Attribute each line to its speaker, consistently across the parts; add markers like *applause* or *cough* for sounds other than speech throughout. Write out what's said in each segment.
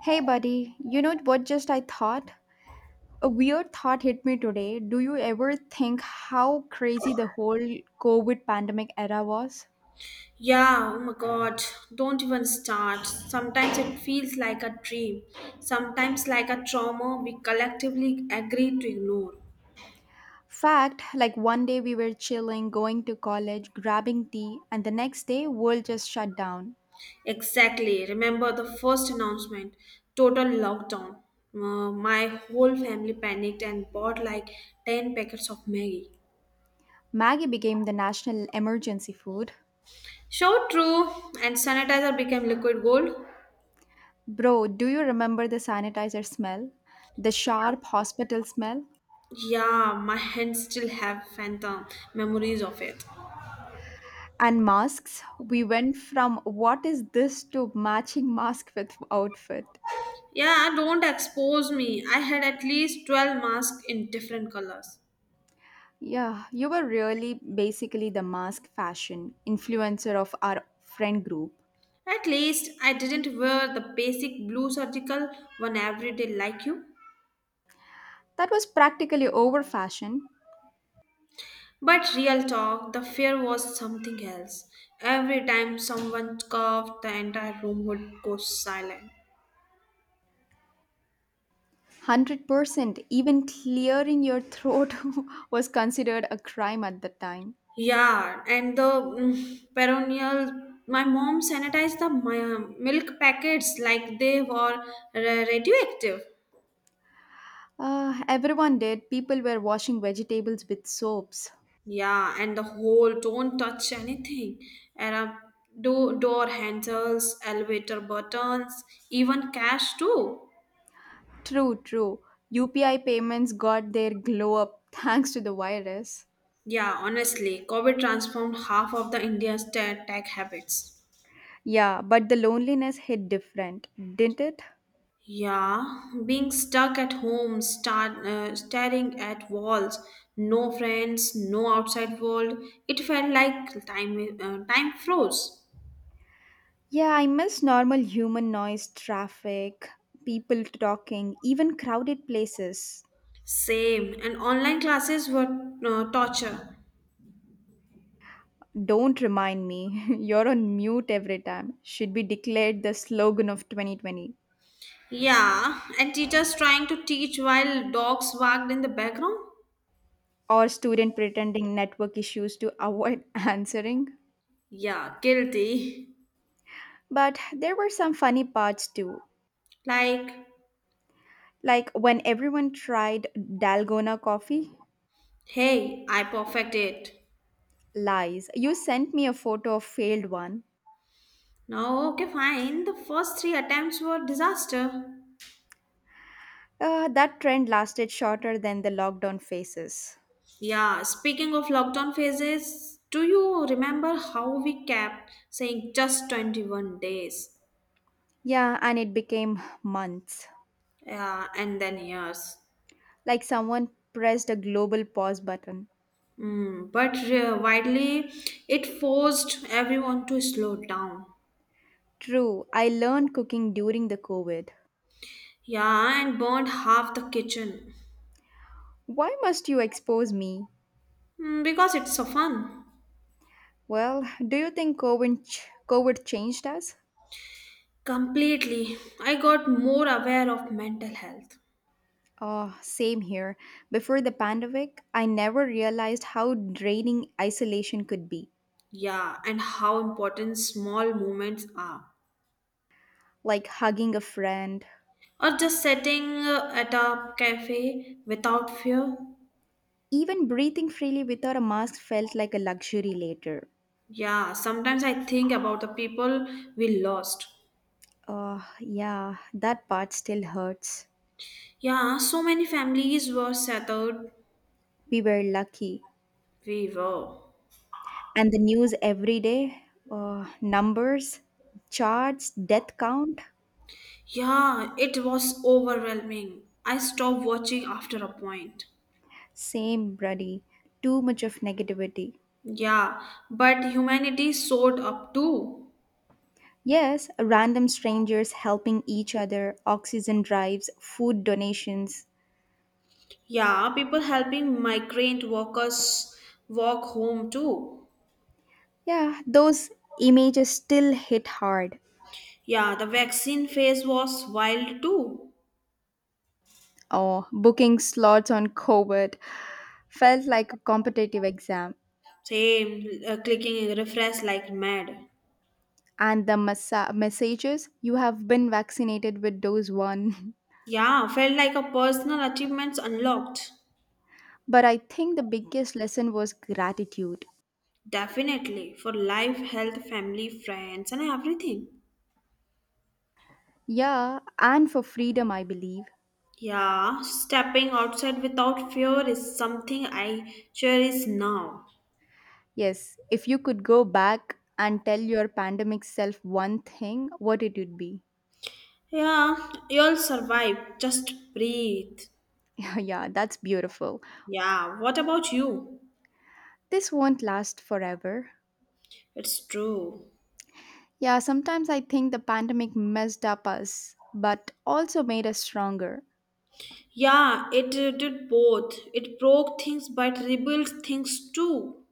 Speaker 1: Hey, buddy, you know what just I thought? A weird thought hit me today. Do you ever think how crazy the whole COVID pandemic era was?
Speaker 2: Yeah, oh my god, don't even start. Sometimes it feels like a dream, sometimes like a trauma we collectively agree to ignore.
Speaker 1: Fact, like one day we were chilling, going to college, grabbing tea, and the next day world just shut down.
Speaker 2: Exactly, remember the first announcement total lockdown. My whole family panicked and bought like 10 packets of Maggie.
Speaker 1: Maggie became the national emergency food.
Speaker 2: So true, and sanitizer became liquid gold.
Speaker 1: Bro, do you remember the sanitizer smell? The sharp hospital smell?
Speaker 2: Yeah, my hands still have phantom memories of it.
Speaker 1: And masks? We went from what is this to matching mask with outfit.
Speaker 2: Yeah, don't expose me. I had at least 12 masks in different colors.
Speaker 1: Yeah, you were really basically the mask fashion influencer of our friend group.
Speaker 2: At least I didn't wear the basic blue surgical one every day like you.
Speaker 1: That was practically over fashion.
Speaker 2: But real talk, the fear was something else. Every time someone coughed, the entire room would go silent.
Speaker 1: 100% even clearing your throat *laughs* was considered a crime at the time.
Speaker 2: Yeah, and the perennial. My mom sanitized the milk packets like they were radioactive.
Speaker 1: Everyone did. People were washing vegetables with soaps.
Speaker 2: Yeah, and the whole don't touch anything. And do door handles, elevator buttons, even cash too.
Speaker 1: True, true. UPI payments got their glow up *laughs* thanks to the virus.
Speaker 2: Yeah, honestly, COVID transformed half of the India's tech habits.
Speaker 1: Yeah, but the loneliness hit different, didn't it?
Speaker 2: Yeah, being stuck at home, start staring at walls, no friends, no outside world. It felt like time froze.
Speaker 1: Yeah, I miss normal human noise, traffic, people talking, even crowded places.
Speaker 2: Same, and online classes were torture.
Speaker 1: Don't remind me. *laughs* You're on mute every time. Should be declared the slogan of 2020.
Speaker 2: Yeah, and teachers trying to teach while dogs wagged in the background?
Speaker 1: Or student pretending network issues to avoid *laughs* answering.
Speaker 2: Yeah, guilty.
Speaker 1: But there were some funny parts too.
Speaker 2: Like,
Speaker 1: Like when everyone tried Dalgona coffee.
Speaker 2: hey, I perfect it.
Speaker 1: Lies. You sent me a photo of failed one.
Speaker 2: No, okay, fine. The first three attempts were disaster.
Speaker 1: That trend lasted shorter than the lockdown phases.
Speaker 2: Yeah, speaking of lockdown phases, do you remember how we kept saying just 21 days?
Speaker 1: Yeah, and it became months.
Speaker 2: Yeah, and then years.
Speaker 1: Like someone pressed a global pause button.
Speaker 2: But widely, it forced everyone to slow down.
Speaker 1: True, I learned cooking during the COVID.
Speaker 2: Yeah, and burned half the kitchen.
Speaker 1: Why must you expose me?
Speaker 2: Because it's so fun.
Speaker 1: Well, do you think COVID changed us?
Speaker 2: Completely. I got more aware of mental health.
Speaker 1: Oh, same here. Before the pandemic, I never realized how draining isolation could be.
Speaker 2: Yeah, and how important small moments are.
Speaker 1: Like hugging a friend,
Speaker 2: Or just sitting at a cafe without fear.
Speaker 1: even breathing freely without a mask felt like a luxury later.
Speaker 2: Yeah, sometimes I think about the people we lost.
Speaker 1: Oh, yeah, that part still hurts.
Speaker 2: Yeah, so many families were settled.
Speaker 1: We were lucky.
Speaker 2: We were.
Speaker 1: And the news every day, numbers, charts, death count.
Speaker 2: Yeah, it was overwhelming. I stopped watching after a point.
Speaker 1: Same, bloody too much of negativity.
Speaker 2: Yeah, but humanity showed up too.
Speaker 1: Yes, random strangers helping each other, oxygen drives, food donations.
Speaker 2: Yeah, people helping migrant workers walk home too.
Speaker 1: Yeah, those images still hit hard.
Speaker 2: Yeah, the vaccine phase was wild too.
Speaker 1: Oh, booking slots on covid felt like a competitive exam.
Speaker 2: Same, clicking refresh like mad.
Speaker 1: And the messages you have been vaccinated with dose 1.
Speaker 2: Yeah, felt like a personal achievements unlocked.
Speaker 1: *laughs* But I think the biggest lesson was gratitude.
Speaker 2: Definitely, for life, health, family, friends, and everything.
Speaker 1: Yeah, and for freedom, I believe.
Speaker 2: Yeah, stepping outside without fear is something I cherish now.
Speaker 1: Yes, if you could go back and tell your pandemic self one thing, what it would be.
Speaker 2: Yeah, you'll survive. Just breathe.
Speaker 1: *laughs* Yeah, that's beautiful.
Speaker 2: Yeah, what about you?
Speaker 1: This won't last forever.
Speaker 2: It's true.
Speaker 1: Yeah, sometimes I think the pandemic messed up us, but also made us stronger.
Speaker 2: Yeah, it did both. It broke things but rebuilt things too.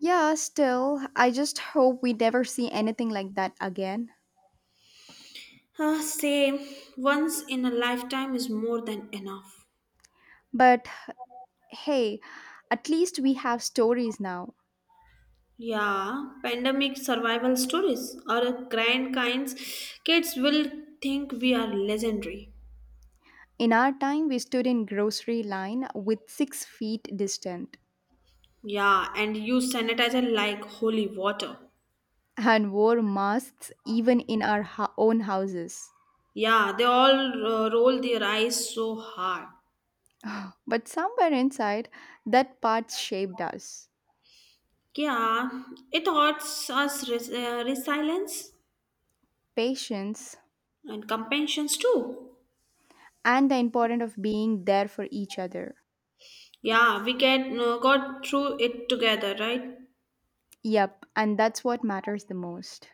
Speaker 1: Yeah, still, I just hope we never see anything like that again.
Speaker 2: Uh, say, Once in a lifetime is more than enough.
Speaker 1: But hey, at least we have stories now.
Speaker 2: Yeah, pandemic survival stories or grand kinds. Kids will think we are legendary.
Speaker 1: In our time, we stood in grocery line with 6 feet distant.
Speaker 2: Yeah, and use sanitizer like holy water.
Speaker 1: And wore masks even in our own houses.
Speaker 2: Yeah, they all roll their eyes so hard.
Speaker 1: But somewhere inside, that part shaped us,
Speaker 2: Yeah, it hurts us resilience.
Speaker 1: patience,
Speaker 2: And companions too.
Speaker 1: and the importance of being there for each other.
Speaker 2: Yeah, we get got through it together, right?
Speaker 1: Yep, and that's what matters the most.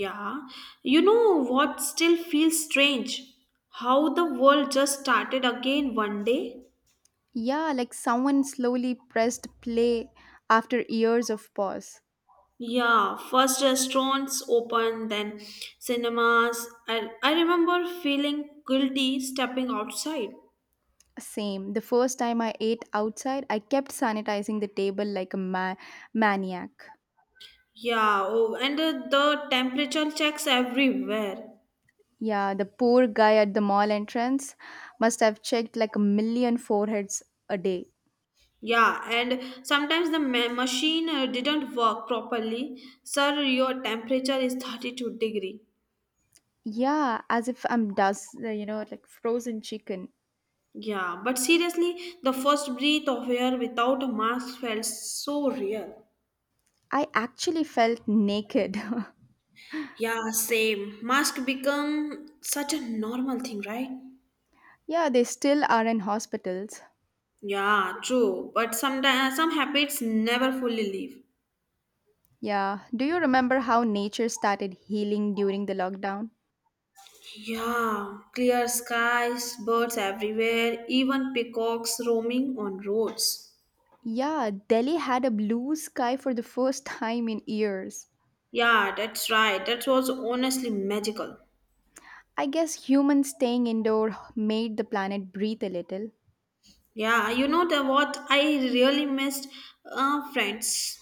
Speaker 2: Yeah, you know what still feels strange, how the world just started again one day.
Speaker 1: Yeah, like someone slowly pressed play after years of pause.
Speaker 2: Yeah, first restaurants opened, then cinemas. I remember feeling guilty stepping outside.
Speaker 1: Same. The first time I ate outside, I kept sanitizing the table like a maniac.
Speaker 2: Yeah, and the temperature checks everywhere.
Speaker 1: Yeah, the poor guy at the mall entrance must have checked like a million foreheads a day.
Speaker 2: Yeah, and sometimes the machine didn't work properly. Sir, your temperature is 32 degree.
Speaker 1: Yeah, as if I'm dust, like frozen chicken.
Speaker 2: Yeah, but seriously, the first breath of air without a mask felt so real.
Speaker 1: I actually felt naked.
Speaker 2: Yeah, same. Mask become such a normal thing, right?
Speaker 1: *laughs* Yeah, they still are in hospitals.
Speaker 2: Yeah, true. But sometimes some habits never fully leave.
Speaker 1: Yeah, do you remember how nature started healing during the lockdown?
Speaker 2: Yeah, clear skies, birds everywhere, even peacocks roaming on roads.
Speaker 1: Yeah, Delhi had a blue sky for the first time in years.
Speaker 2: Yeah, that's right. That was honestly magical.
Speaker 1: I guess humans staying indoor made the planet breathe a little.
Speaker 2: Yeah, you know the what I really missed, friends.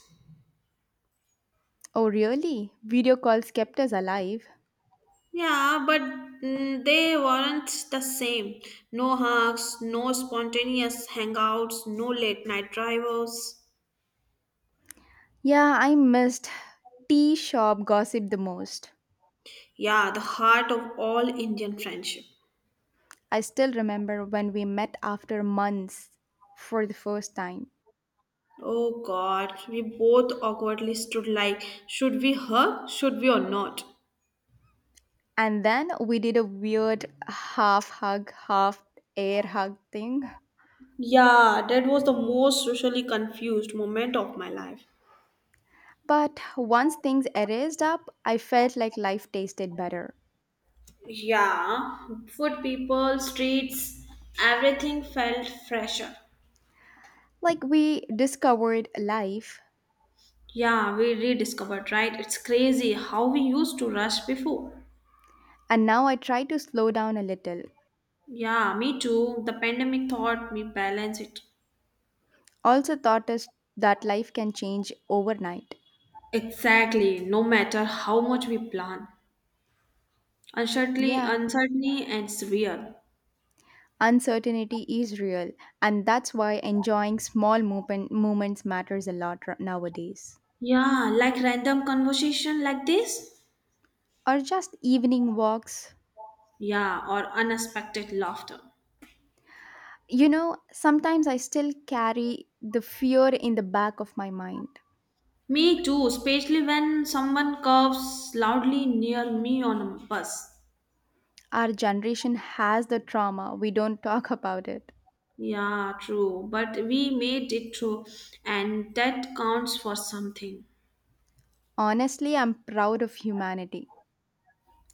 Speaker 1: Oh, really? Video calls kept us alive.
Speaker 2: Yeah, but they weren't the same. No hugs, no spontaneous hangouts, no late night drivers.
Speaker 1: Yeah, I missed tea shop gossip the most.
Speaker 2: Yeah, the heart of all Indian friendship.
Speaker 1: I still remember when we met after months for the first time.
Speaker 2: Oh God, we both awkwardly stood like, should we hug? Should we or not?
Speaker 1: And then we did a weird half hug, half air hug thing.
Speaker 2: Yeah, that was the most socially confused moment of my life.
Speaker 1: But once things erased up, I felt like life tasted better.
Speaker 2: Yeah, food, people, streets, everything felt fresher.
Speaker 1: Like we discovered life,
Speaker 2: Yeah, we rediscovered, right? It's crazy how we used to rush before.
Speaker 1: and now I try to slow down a little.
Speaker 2: Yeah, me too. The pandemic taught me balance it.
Speaker 1: Also, taught us that life can change overnight.
Speaker 2: Exactly, no matter how much we plan. Uncertainty,
Speaker 1: Yeah.
Speaker 2: uncertainty and severe.
Speaker 1: Uncertainty is real, and that's why enjoying small movements matters a lot nowadays.
Speaker 2: Yeah, like random conversation like this.
Speaker 1: Or just evening walks.
Speaker 2: Yeah, or unexpected laughter.
Speaker 1: You know, sometimes I still carry the fear in the back of my mind.
Speaker 2: Me too, especially when someone coughs loudly near me on a bus.
Speaker 1: Our generation has the trauma, we don't *laughs* talk about it.
Speaker 2: Yeah, true. But we made it through, and that counts for something.
Speaker 1: Honestly, I'm proud of humanity.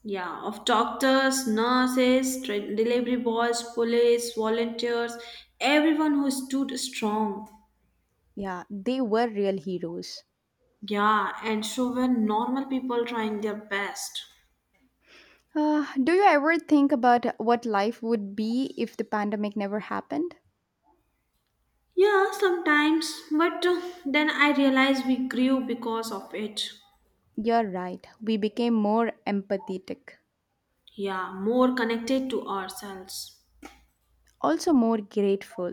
Speaker 2: Yeah, of doctors, nurses, delivery boys, police, volunteers, everyone who stood strong.
Speaker 1: Yeah, they were real heroes.
Speaker 2: Yeah, and so were normal people trying their best.
Speaker 1: Do you ever think about what life would be if the pandemic never happened?
Speaker 2: Yeah, sometimes, but then I realized we grew because of it.
Speaker 1: You're right. We became more empathetic,
Speaker 2: Yeah, more connected to ourselves
Speaker 1: also more grateful.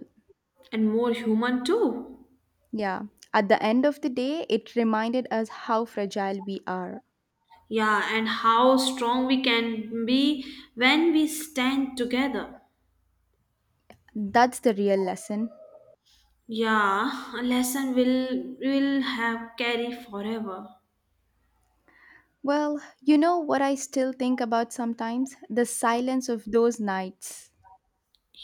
Speaker 2: and more human too.
Speaker 1: Yeah. At the end of the day, it reminded us how fragile we are.
Speaker 2: Yeah, and how strong we can be when we stand together.
Speaker 1: That's the real lesson.
Speaker 2: Yeah, a lesson will have carry forever.
Speaker 1: Well, you know what I still think about sometimes? The silence of those nights.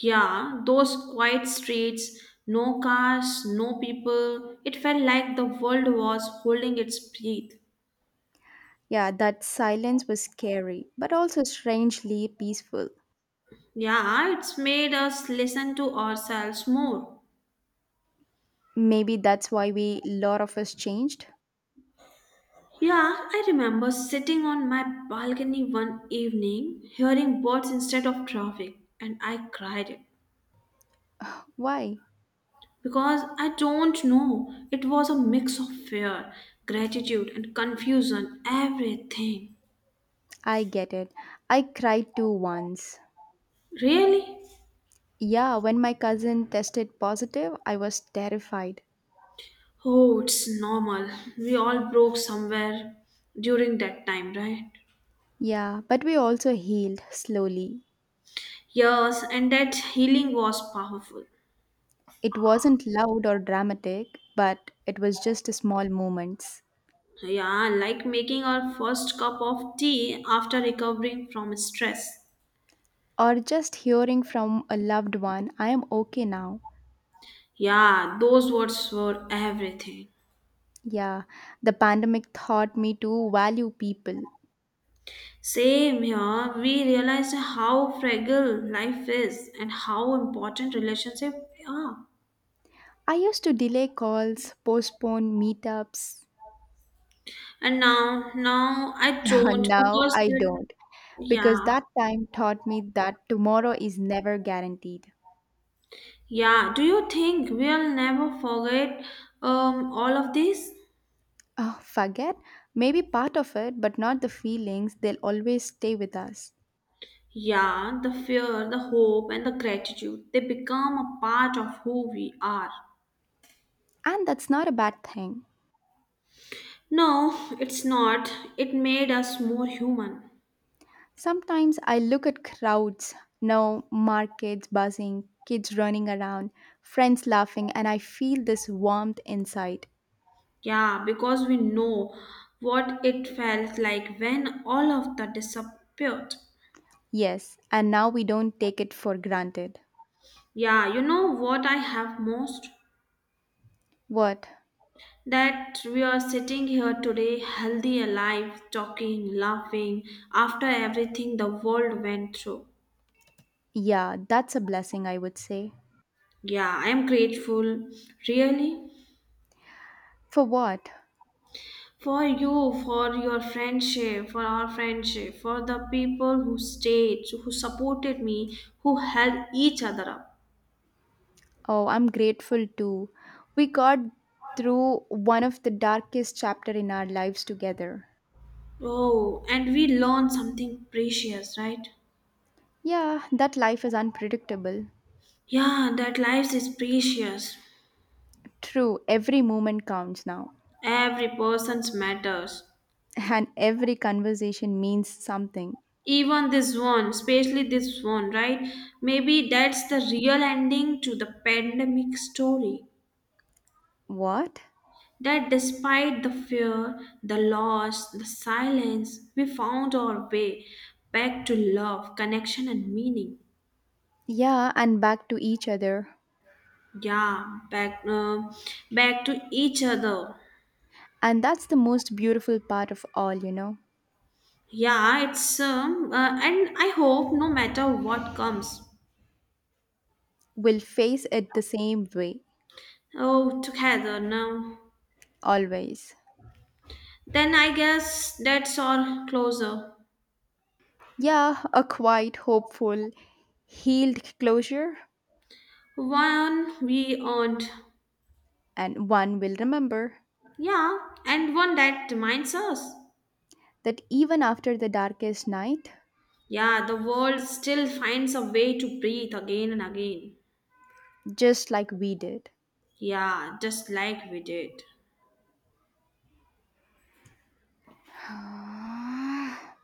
Speaker 2: Yeah, those quiet streets, no cars, no people. It felt like the world was holding its breath.
Speaker 1: Yeah, that silence was scary, but also strangely peaceful.
Speaker 2: Yeah, it's made us listen to ourselves more.
Speaker 1: Maybe that's why we, lot of us, changed.
Speaker 2: Yeah, I remember sitting on my balcony one evening, hearing birds instead of traffic, and I cried it
Speaker 1: Why?
Speaker 2: because I don't know. It was a mix of fear, gratitude, and confusion, everything.
Speaker 1: I get it. I cried too once.
Speaker 2: Really?
Speaker 1: Yeah, when my cousin tested positive, I was terrified.
Speaker 2: Oh, it's normal. We all broke somewhere during that time, right?
Speaker 1: Yeah, but we also healed slowly.
Speaker 2: Yes, and that healing was powerful.
Speaker 1: It wasn't loud or dramatic, but it was just small moments.
Speaker 2: Yeah, like making our first cup of tea after recovering from stress.
Speaker 1: Or just hearing from a loved one, I am okay now.
Speaker 2: Yeah, those words were everything.
Speaker 1: Yeah, the pandemic taught me to value people.
Speaker 2: Same here, we realized how fragile life is and how important relationships are.
Speaker 1: I used to delay calls, postpone meetups.
Speaker 2: And now, now I don't
Speaker 1: *laughs* Now
Speaker 2: because,
Speaker 1: I don't, because
Speaker 2: yeah,
Speaker 1: that time taught me that tomorrow is never guaranteed.
Speaker 2: yeah. Do you think we'll never forget all of this?
Speaker 1: Oh, forget? Maybe part of it, but not the feelings. They'll always stay with us.
Speaker 2: Yeah, the fear, the hope, and the gratitude, they become a part of who we are.
Speaker 1: And that's not a bad thing.
Speaker 2: No, it's not. It made us more human.
Speaker 1: Sometimes I look at crowds now, markets buzzing, kids running around, friends laughing, and I feel this warmth inside.
Speaker 2: Yeah, because we know what it felt like when all of that disappeared.
Speaker 1: Yes, and now we don't take it for granted.
Speaker 2: Yeah, you know what I have most?
Speaker 1: What?
Speaker 2: That we are sitting here today, healthy, alive, talking, laughing, after everything the world went through.
Speaker 1: Yeah, that's a blessing, I would say.
Speaker 2: Yeah, I am grateful, really,
Speaker 1: For what?
Speaker 2: for you, for your friendship, for our friendship, for the people who stayed, who supported me, who held each other up.
Speaker 1: Oh, I'm grateful too. We got through one of the darkest chapter in our lives together.
Speaker 2: Oh, and we learn something precious, right?
Speaker 1: Yeah, that life is unpredictable.
Speaker 2: Yeah, that life is precious.
Speaker 1: True, every moment counts now.
Speaker 2: Every person's matters.
Speaker 1: And every conversation means something.
Speaker 2: Even this one, especially this one, right? Maybe that's the real ending to the pandemic story.
Speaker 1: What?
Speaker 2: That despite the fear, the loss, the silence, we found our way back to love, connection, and meaning.
Speaker 1: Yeah, and back to each other.
Speaker 2: Yeah, back to each other.
Speaker 1: And that's the most beautiful part of all.
Speaker 2: Yeah, it's and I hope no matter what comes,
Speaker 1: We'll face it the same way,
Speaker 2: oh, together now.
Speaker 1: always.
Speaker 2: Then I guess that's all closer.
Speaker 1: Yeah, a quiet, hopeful, healed closure,
Speaker 2: One we earned,
Speaker 1: and one will remember
Speaker 2: yeah, and one that reminds us.
Speaker 1: that even after the darkest night,
Speaker 2: Yeah, the world still finds a way to breathe again and again.
Speaker 1: just like we did.
Speaker 2: Yeah, just like we did.
Speaker 1: *sighs*